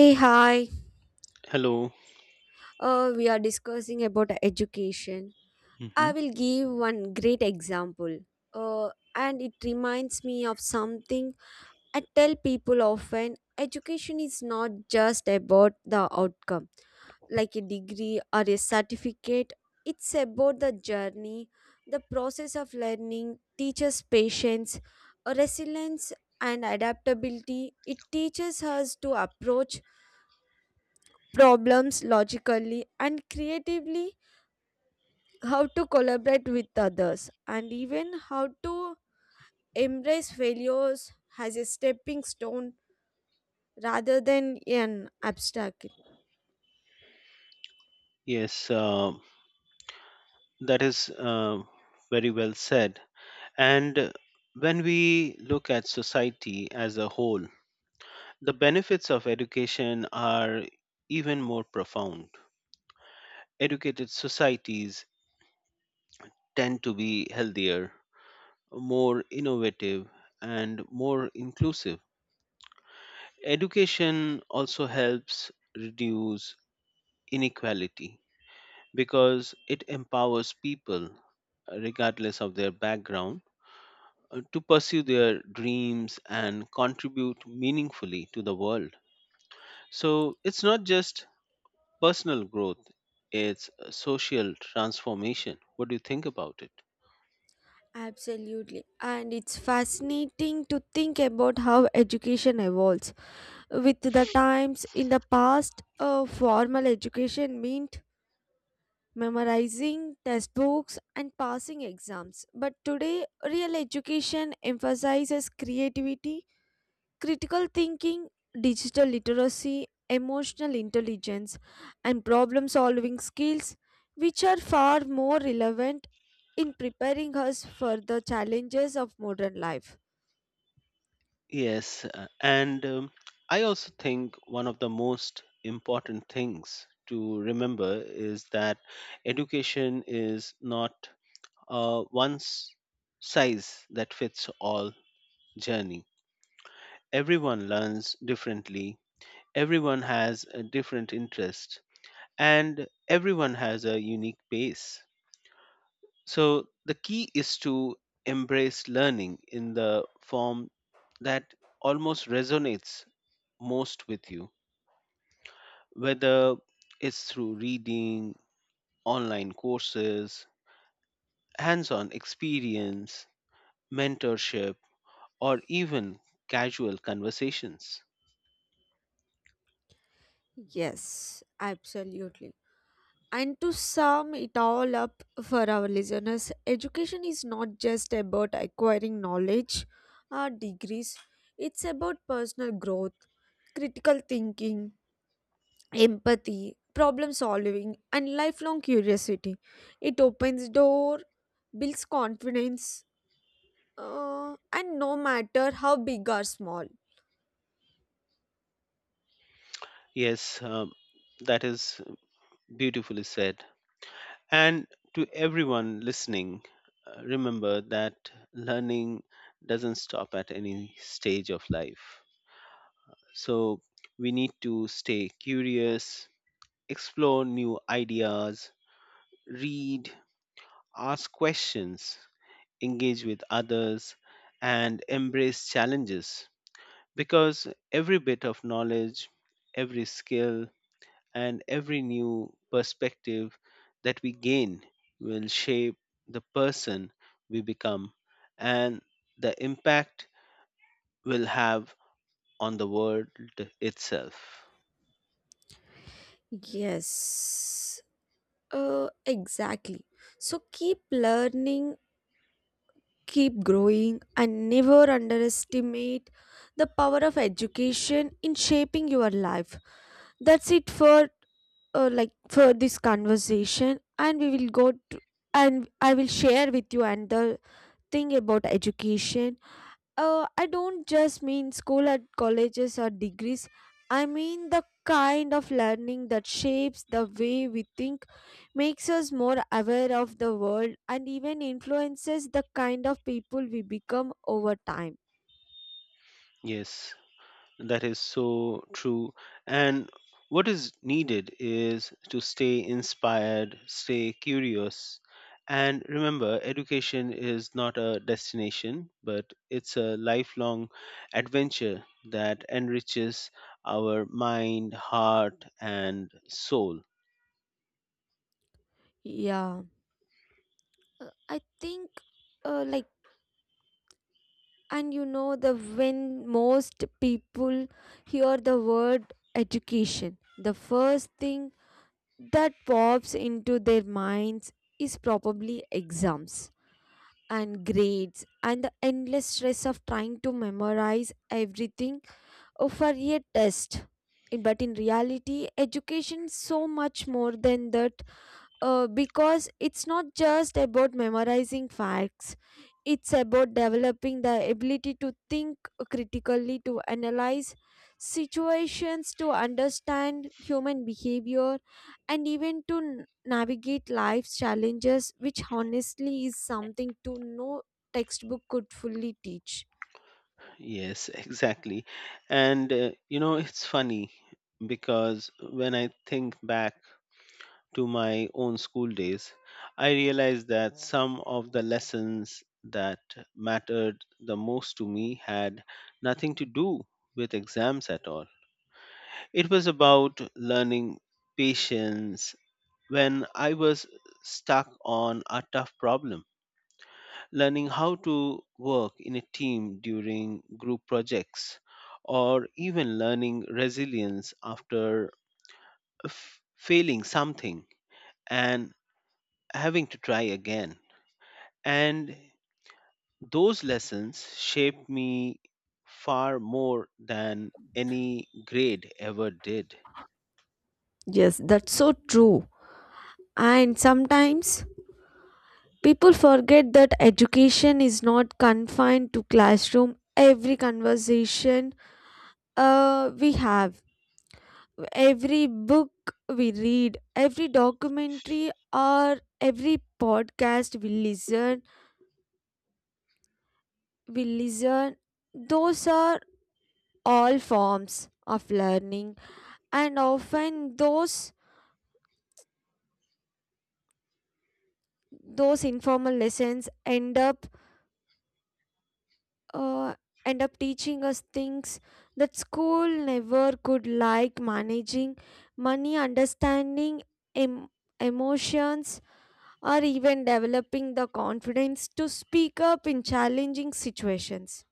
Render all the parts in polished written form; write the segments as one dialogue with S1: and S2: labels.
S1: Hey, hi.
S2: Hello.
S1: We are discussing about education.
S2: hmm
S1: I will give one great example. Uh, and it reminds me of something I tell people often. Education is not just about the outcome, like a degree or a certificate. It's about the journey, the process of learning, teaches patience, resilience, and adaptability. It teaches us to approach problems logically and creatively, how to collaborate with others, and even how to embrace failures as a stepping stone rather than an obstacle.
S2: Yes, that is very well said. And when we look at society as a whole, the benefits of education are even more profound. Educated societies tend to be healthier, more innovative, and more inclusive. Education also helps reduce inequality because it empowers people, regardless of their background to pursue their dreams and contribute meaningfully to the world. So it's not just personal growth, it's a social transformation. What do you think about it?
S1: Absolutely. And it's fascinating to think about how education evolves. With the times in the past, formal education meant memorizing textbooks and passing exams. But today, real education emphasizes creativity, critical thinking, digital literacy, emotional intelligence, and problem solving skills, which are far more relevant in preparing us for the challenges of modern life.
S2: Yes, and I also think one of the most important things to remember is that education is not a size that fits all journey. Everyone learns differently, everyone has a different interest, and everyone has a unique pace. So the key is to embrace learning in the form that almost resonates most with you, whether it's through reading, online courses, hands on experience, mentorship, or even casual conversations.
S1: Yes, absolutely. And to sum it all up for our listeners, education is not just about acquiring knowledge or degrees, it's about personal growth, critical thinking, empathy, problem solving, and lifelong curiosity. It opens door, builds confidence, and no matter how big or small.
S2: Yes, that is beautifully said. And to everyone listening, remember that learning doesn't stop at any stage of life. So we need to stay curious, explore new ideas, read, ask questions, engage with others, and embrace challenges because every bit of knowledge, every skill, and every new perspective that we gain will shape the person we become and the impact we'll have on the world itself.
S1: Yes, exactly. So keep learning, keep growing, and never underestimate the power of education in shaping your life. That's it for for this conversation, and we will go to and I will share with you another thing about education. I don't just mean school at colleges or degrees. I mean the kind of learning that shapes the way we think, makes us more aware of the world, and even influences the kind of people we become over time.
S2: Yes, that is so true. And what is needed is to stay inspired, stay curious. And remember, education is not a destination, but it's a lifelong adventure that enriches our mind, heart, and soul.
S1: Yeah. I think, like, and you know, the When most people hear the word education, the first thing that pops into their minds is probably exams and grades and the endless stress of trying to memorize everything for a test. But in reality, education is so much more than that, because it's not just about memorizing facts, it's about developing the ability to think critically, to analyze situations, to understand human behavior, and even to navigate life's challenges, which honestly is something to no textbook could fully teach.
S2: Yes, exactly. And you know, it's funny because when I think back to my own school days, I realized that some of the lessons that mattered the most to me had nothing to do with exams at all. It was about learning patience when I was stuck on a tough problem, learning how to work in a team during group projects, or even learning resilience after failing something and having to try again. And those lessons shaped me far more than any grade ever did.
S1: Yes, that's so true. And sometimes people forget that education is not confined to classroom. Every conversation we have, every book we read, every documentary or every podcast we listen. Those are all forms of learning, and often those informal lessons end up uh, end up teaching us things that school never could, like managing money, understanding em- emotions, or even developing the confidence to speak up in challenging situations.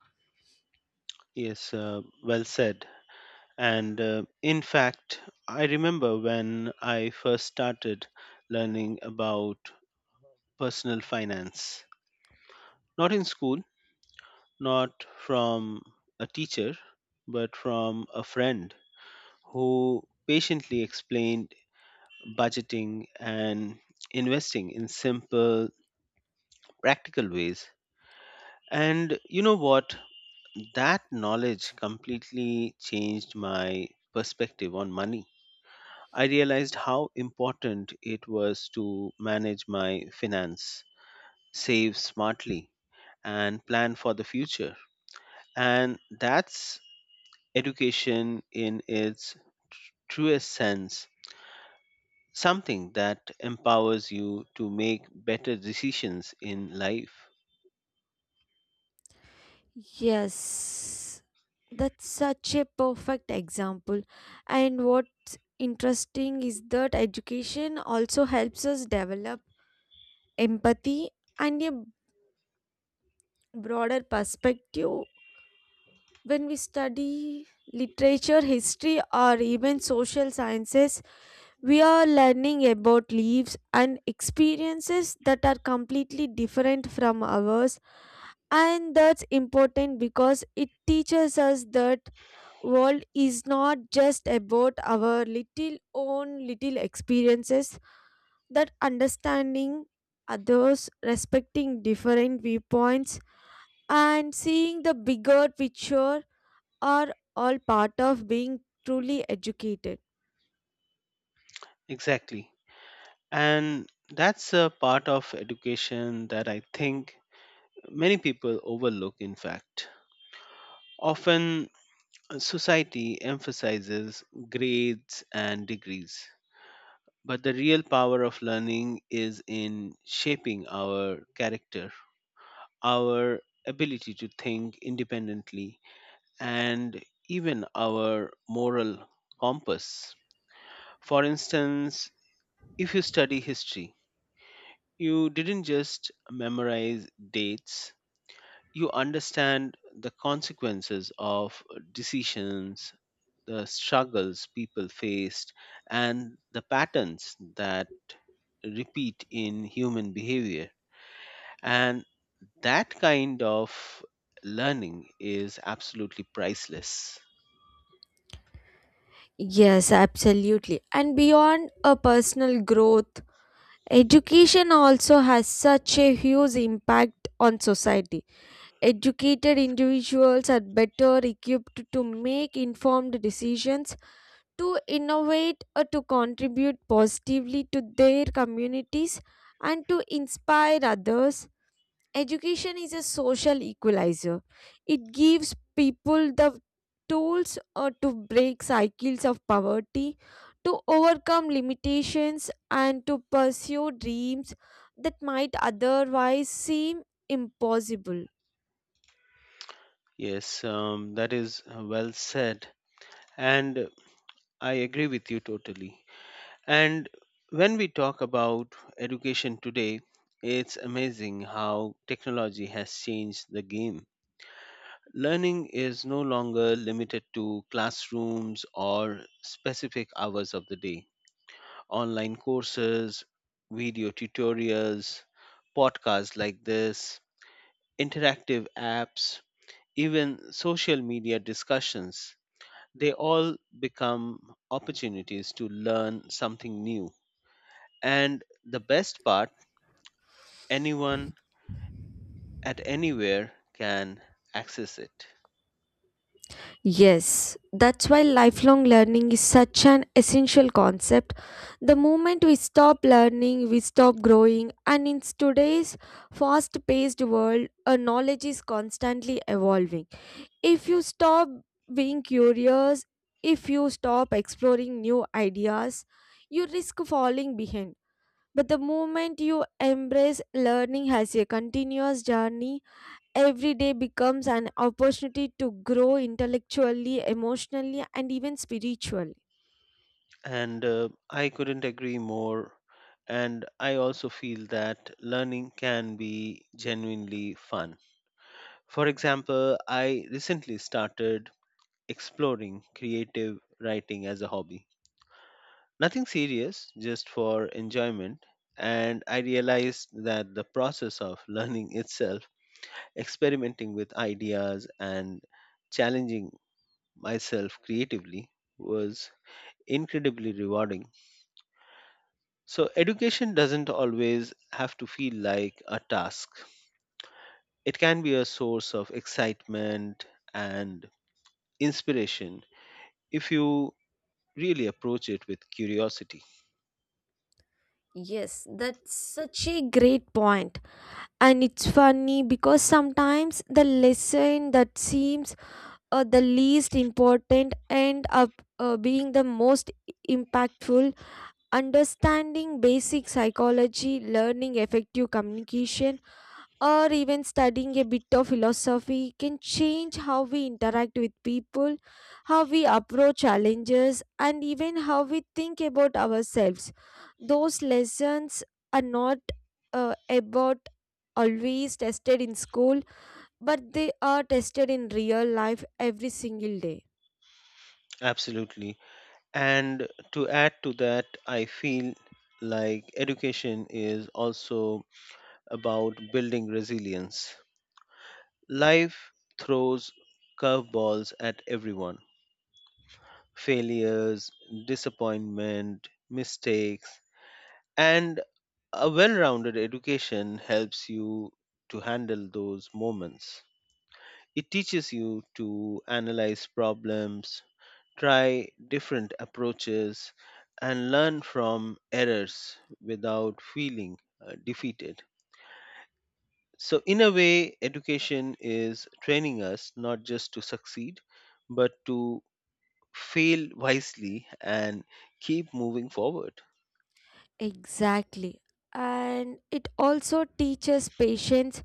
S2: Yes, well said. And in fact, I remember when I first started learning about personal finance, not in school, not from a teacher, but from a friend who patiently explained budgeting and investing in simple, practical ways. And you know what? That knowledge completely changed my perspective on money. I realized how important it was to manage my finance, save smartly, and plan for the future. And that's education in its truest sense, something that empowers you to make better decisions in life.
S1: Yes, that's such a perfect example. And what's interesting is that education also helps us develop empathy and a broader perspective. When we study literature, history, or even social sciences, we are learning about lives and experiences that are completely different from ours. And that's important because it teaches us that world is not just about our little own little experiences, that understanding others, respecting different viewpoints, and seeing the bigger picture are all part of being truly educated.
S2: Exactly. And that's a part of education that I think many people overlook, in fact. Often, society emphasizes grades and degrees, but the real power of learning is in shaping our character, our ability to think independently, and even our moral compass. For instance, if you study history, you didn't just memorize dates, you understand the consequences of decisions, the struggles people faced, and the patterns that repeat in human behavior. And that kind of learning is absolutely priceless.
S1: Yes, absolutely. And beyond a personal growth, education also has such a huge impact on society. Educated individuals are better equipped to make informed decisions, to innovate, or to contribute positively to their communities and to inspire others. Education is a social equalizer. It gives people the tools to break cycles of poverty, to overcome limitations, and to pursue dreams that might otherwise seem impossible.
S2: Yes, that is well said. And I agree with you totally. And when we talk about education today, it's amazing how technology has changed the game. Learning is no longer limited to classrooms or specific hours of the day. Online courses, video tutorials, podcasts like this, interactive apps, even social media discussions, they all become opportunities to learn something new. And the best part, anyone at anywhere can access it.
S1: Yes, that's why lifelong learning is such an essential concept. The moment we stop learning, we stop growing, and in today's fast paced world, our knowledge is constantly evolving. If you stop being curious, if you stop exploring new ideas, you risk falling behind. But the moment you embrace learning as a continuous journey, every day becomes an opportunity to grow intellectually, emotionally, and even spiritually.
S2: And I couldn't agree more. And I also feel that learning can be genuinely fun. For example, I recently started exploring creative writing as a hobby, nothing serious, just for enjoyment. And I realized that the process of learning itself, experimenting with ideas and challenging myself creatively, was incredibly rewarding. So, education doesn't always have to feel like a task, it can be a source of excitement and inspiration if you really approach it with curiosity.
S1: Yes, that's such a great point. And it's funny because sometimes the lesson that seems the least important end up being the most impactful. Understanding basic psychology, learning effective communication, or even studying a bit of philosophy can change how we interact with people, how we approach challenges, and even how we think about ourselves. Those lessons are not about always tested in school, but they are tested in real life every single day.
S2: Absolutely. And to add to that, I feel like education is also about building resilience. Life throws curveballs at everyone, failures, disappointment, mistakes, and a well rounded education helps you to handle those moments. It teaches you to analyze problems, try different approaches, and learn from errors without feeling defeated. So, in a way, education is training us not just to succeed, but to fail wisely and keep moving forward.
S1: Exactly. And it also teaches patience.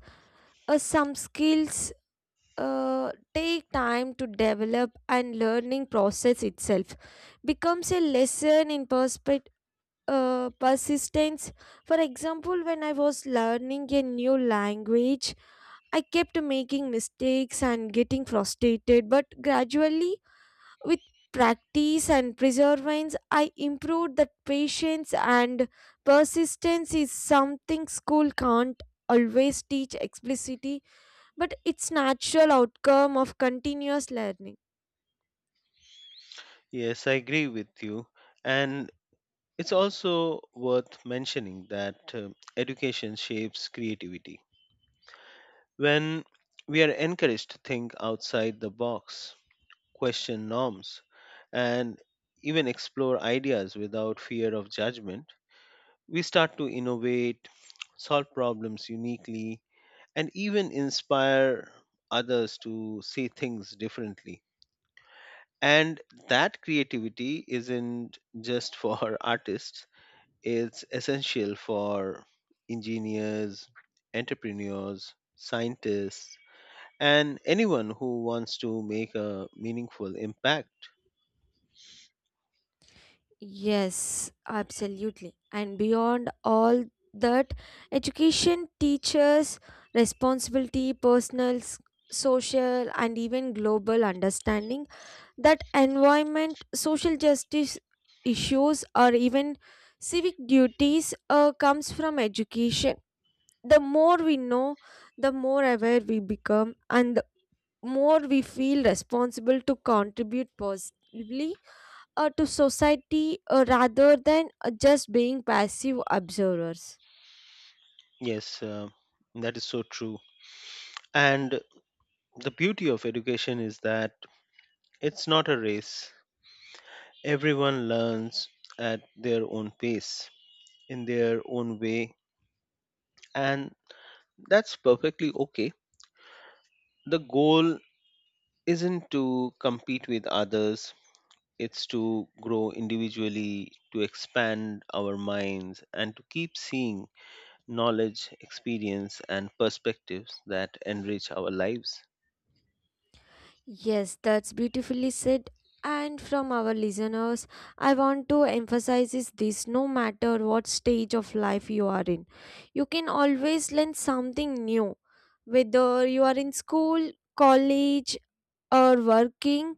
S1: Some skills take time to develop, and learning process itself becomes a lesson in perspective, persistence. For example, when I was learning a new language, I kept making mistakes and getting frustrated, but gradually with practice and perseverance, I improved. That patience and persistence is something school can't always teach explicitly, but it's natural outcome of continuous learning.
S2: Yes, I agree with you. And it's also worth mentioning that education shapes creativity. When we are encouraged to think outside the box, question norms, and even explore ideas without fear of judgment, we start to innovate, solve problems uniquely, and even inspire others to see things differently. And that creativity isn't just for artists, it's essential for engineers, entrepreneurs, scientists, and anyone who wants to make a meaningful impact.
S1: Yes, absolutely. And beyond all that, education teaches responsibility, personal, social, and even global understanding. That environment, social justice issues, or even civic duties comes from education. The more we know, the more aware we become, and the more we feel responsible to contribute positively to society, rather than just being passive observers.
S2: Yes, that is so true. And the beauty of education is that it's not a race, everyone learns at their own pace, in their own way, and that's perfectly okay. The goal isn't to compete with others, it's to grow individually, to expand our minds, and to keep seeing knowledge, experience, and perspectives that enrich our lives.
S1: Yes, that's beautifully said. And from our listeners, I want to emphasize is this, no matter what stage of life you are in, you can always learn something new. Whether you are in school, college, or working,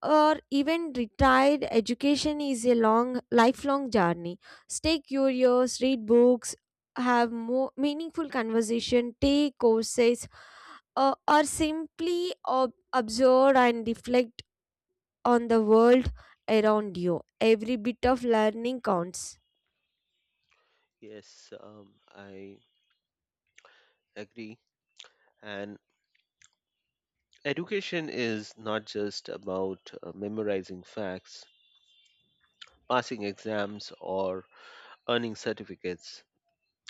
S1: or even retired, education is a long, lifelong journey. Stay curious, read books, have more meaningful conversation, take courses, or simply observe and reflect on the world around you. Every bit of learning counts.
S2: Yes, I agree. And education is not just about memorizing facts, passing exams, or earning certificates.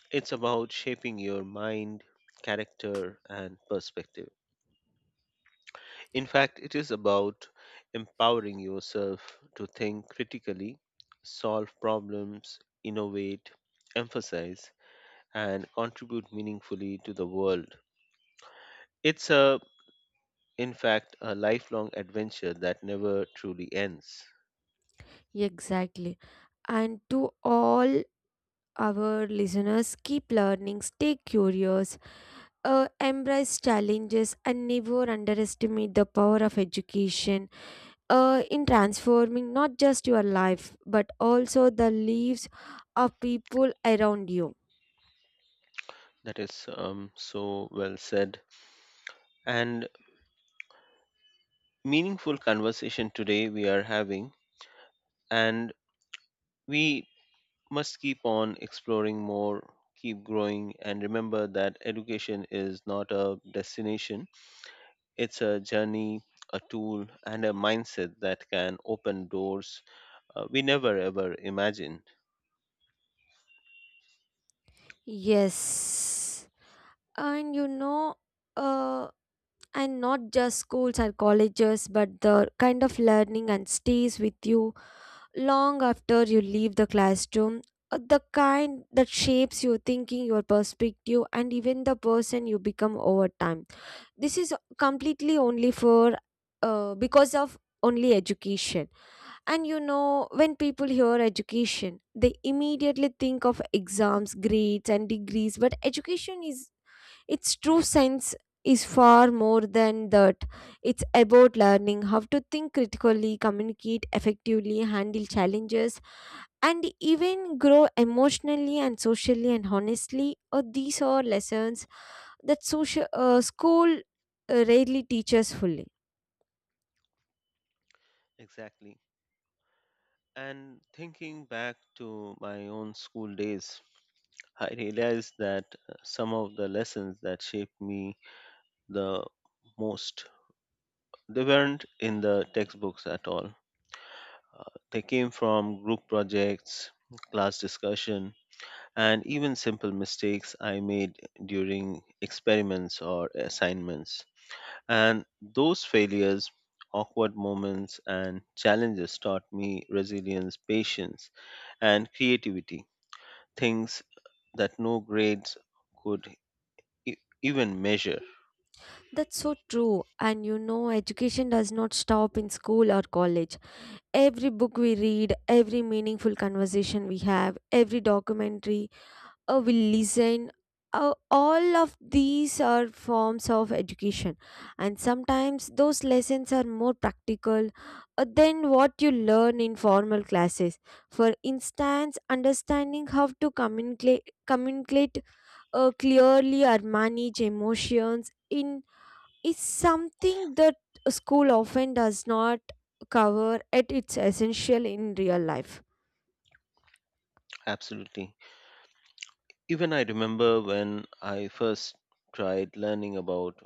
S2: It's about shaping your mind, character, and perspective. In fact, it is about empowering yourself to think critically, solve problems, innovate, emphasize, and contribute meaningfully to the world. It's a, in fact, a lifelong adventure that never truly ends.
S1: Exactly. And to all our listeners, keep learning, stay curious, embrace challenges, and never underestimate the power of education in transforming not just your life but also the lives of people around you.
S2: That is so well said. And meaningful conversation today we are having, and we must keep on exploring more, keep growing, and remember that education is not a destination, it's a journey, a tool, and a mindset that can open doors we never ever imagined.
S1: Yes. and you know uh, and not just schools or colleges, but the kind of learning and stays with you long after you leave the classroom. The kind that shapes your thinking, your perspective, and even the person you become over time. This is completely only for because of only education. And you know, when people hear education, they immediately think of exams, grades, and degrees, but education is its true sense is far more than that. It's about learning how to think critically, communicate effectively, handle challenges, and even grow emotionally and socially and honestly. These are lessons that social, school rarely teaches fully.
S2: Exactly. And thinking back to my own school days, I realized that some of the lessons that shaped me the most, they weren't in the textbooks at all. They came from group projects, class discussion, and even simple mistakes I made during experiments or assignments. And those failures, awkward moments, and challenges taught me resilience, patience, and creativity, things that no grades could e- even measure.
S1: That's so true. And you know, education does not stop in school or college. Every book we read, every meaningful conversation we have, every documentary A will listen. All of these are forms of education, and sometimes those lessons are more practical than what you learn in formal classes. For instance, understanding how to communicate clearly or manage emotions in is something that a school often does not cover at its essential in real life.
S2: Absolutely. Even I remember when I first tried learning about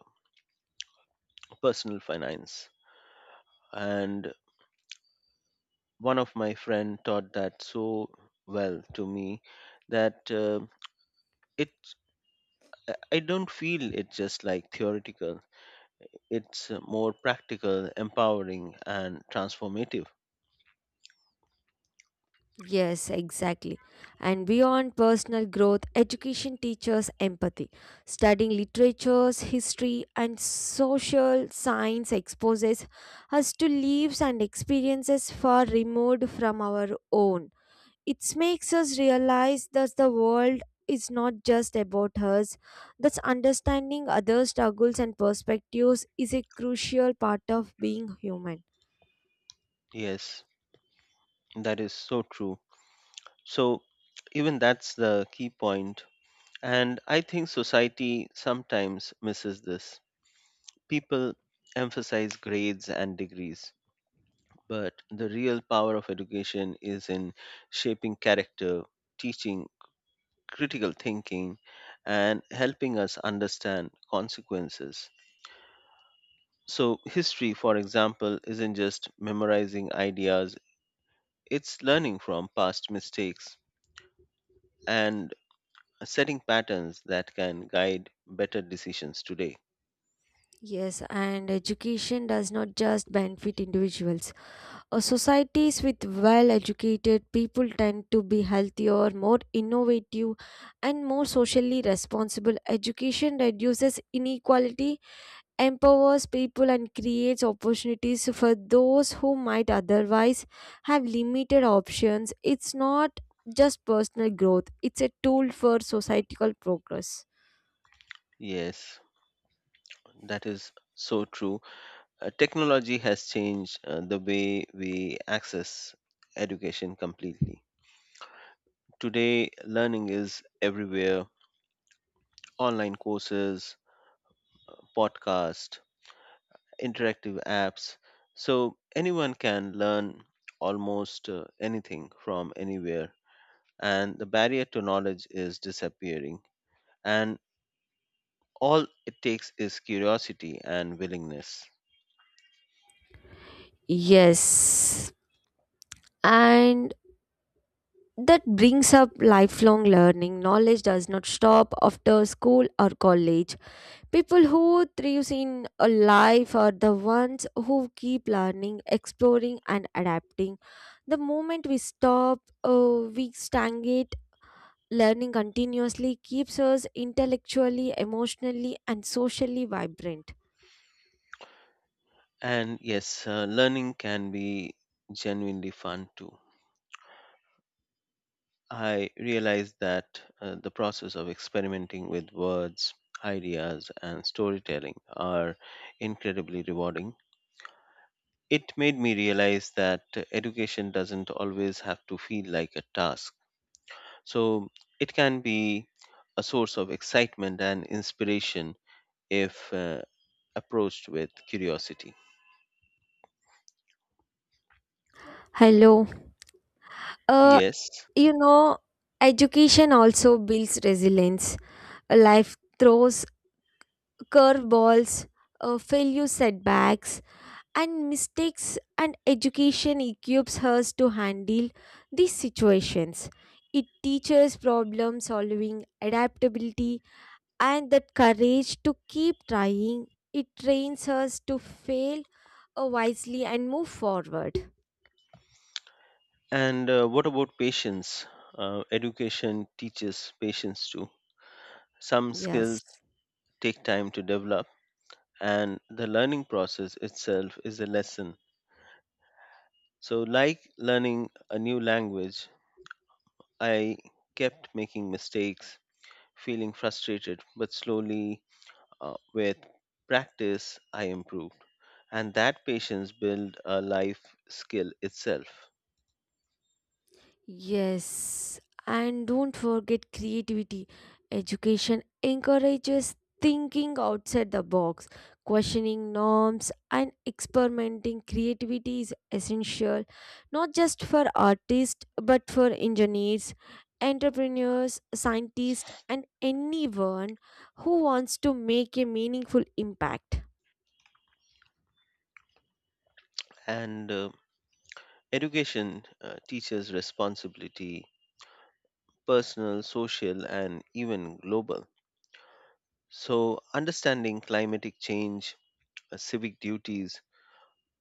S2: personal finance, and one of my friend taught that so well to me that it I don't feel it's just like theoretical, it's more practical, empowering, and transformative.
S1: Yes, exactly. And beyond personal growth, education teaches empathy. Studying literatures, history, and social science exposes us to lives and experiences far removed from our own. It makes us realize that the world is not just about us. Thus, understanding other struggles and perspectives is a crucial part of being human.
S2: Yes, that is so true. So even that's the key point. And I think society sometimes misses this. People emphasize grades and degrees, but the real power of education is in shaping character, teaching critical thinking, and helping us understand consequences. So, history, for example, isn't just memorizing ideas, it's learning from past mistakes and setting patterns that can guide better decisions today.
S1: Yes, and education does not just benefit individuals. Societies with well educated people tend to be healthier, more innovative, and more socially responsible. Education reduces inequality, empowers people, and creates opportunities for those who might otherwise have limited options. It's not just personal growth, it's a tool for societal progress.
S2: Yes, that is so true. Technology has changed the way we access education completely. Today, learning is everywhere, online courses, podcasts, interactive apps, so anyone can learn almost anything from anywhere, and the barrier to knowledge is disappearing, and all it takes is curiosity and willingness.
S1: Yes. And that brings up lifelong learning. Knowledge does not stop after school or college. People who thrive in a life are the ones who keep learning, exploring, and adapting. The moment we stagnate. Learning continuously keeps us intellectually, emotionally, and socially vibrant.
S2: And yes, learning can be genuinely fun too. I realized that the process of experimenting with words, ideas, and storytelling are incredibly rewarding. It made me realize that education doesn't always have to feel like a task. So it can be a source of excitement and inspiration if approached with curiosity.
S1: Hello. Uh,
S2: Yes.
S1: you know, education also builds resilience. A life throws curveballs, failure setbacks, and mistakes, and education equips us to handle these situations. It teaches problem solving, adaptability, and that courage to keep trying. It trains us to fail wisely and move forward.
S2: And what about patience? Education teaches patience too. Some
S1: Yes.
S2: skills take time to develop, and the learning process itself is a lesson. So, like learning a new language, I kept making mistakes, feeling frustrated, but slowly, with practice, I improved. And that patience built a life skill itself.
S1: Yes, and don't forget creativity. Education encourages thinking outside the box, questioning norms, and experimenting. Creativity is essential not just for artists but for engineers, entrepreneurs, scientists, and anyone who wants to make a meaningful impact.
S2: And education teaches responsibility, personal, social, and even global. So, understanding climatic change, civic duties,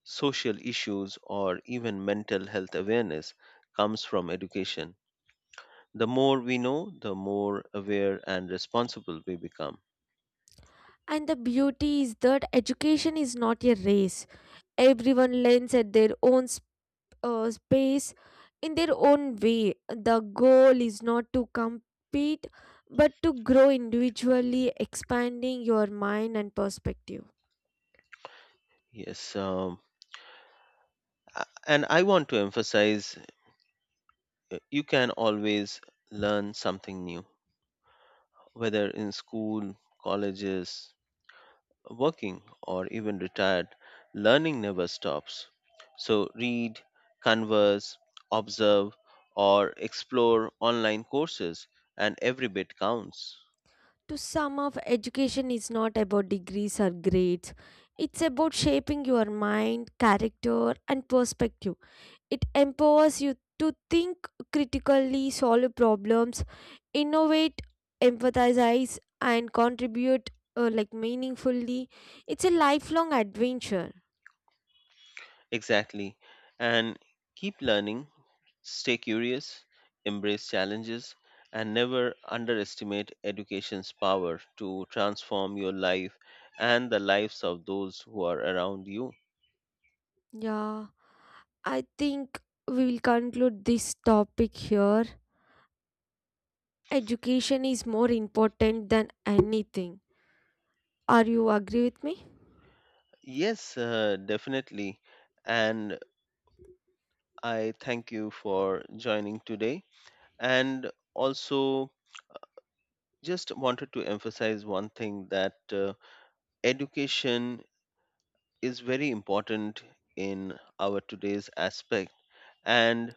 S2: social issues, or even mental health awareness comes from education. The more we know, the more aware and responsible we become.
S1: And the beauty is that education is not a race. Everyone learns at their own space in their own way. The goal is not to compete but to grow individually, expanding your mind and perspective.
S2: Yes, and I want to emphasize you can always learn something new, whether in school, colleges, working, or even retired. Learning never stops. So, read, converse, observe, or explore online courses, and every bit counts.
S1: To sum up, education is not about degrees or grades. It's about shaping your mind, character, and perspective. It empowers you to think critically, solve problems, innovate, empathize, and contribute meaningfully. It's a lifelong adventure.
S2: Exactly. And keep learning, stay curious, embrace challenges, and never underestimate education's power to transform your life and the lives of those who are around you.
S1: Yeah, I think we will conclude this topic here. Education is more important than anything. Are you agree with me?
S2: Yes, definitely. And I thank you for joining today. And also, just wanted to emphasize one thing, that education is very important in our today's aspect, and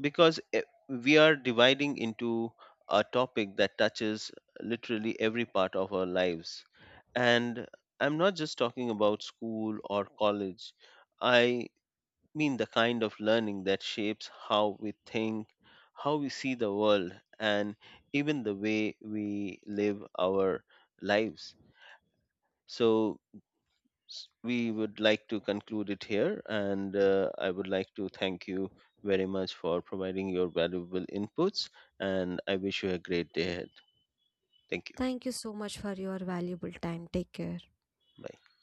S2: because we are dividing into a topic that touches literally every part of our lives, and I'm not just talking about school or college, I mean the kind of learning that shapes how we think, how we see the world, and even the way we live our lives. So we would like to conclude it here, and I would like to thank you very much for providing your valuable inputs, and I wish you a great day ahead. Thank you.
S1: Thank you so much for your valuable time. Take care.
S2: Bye.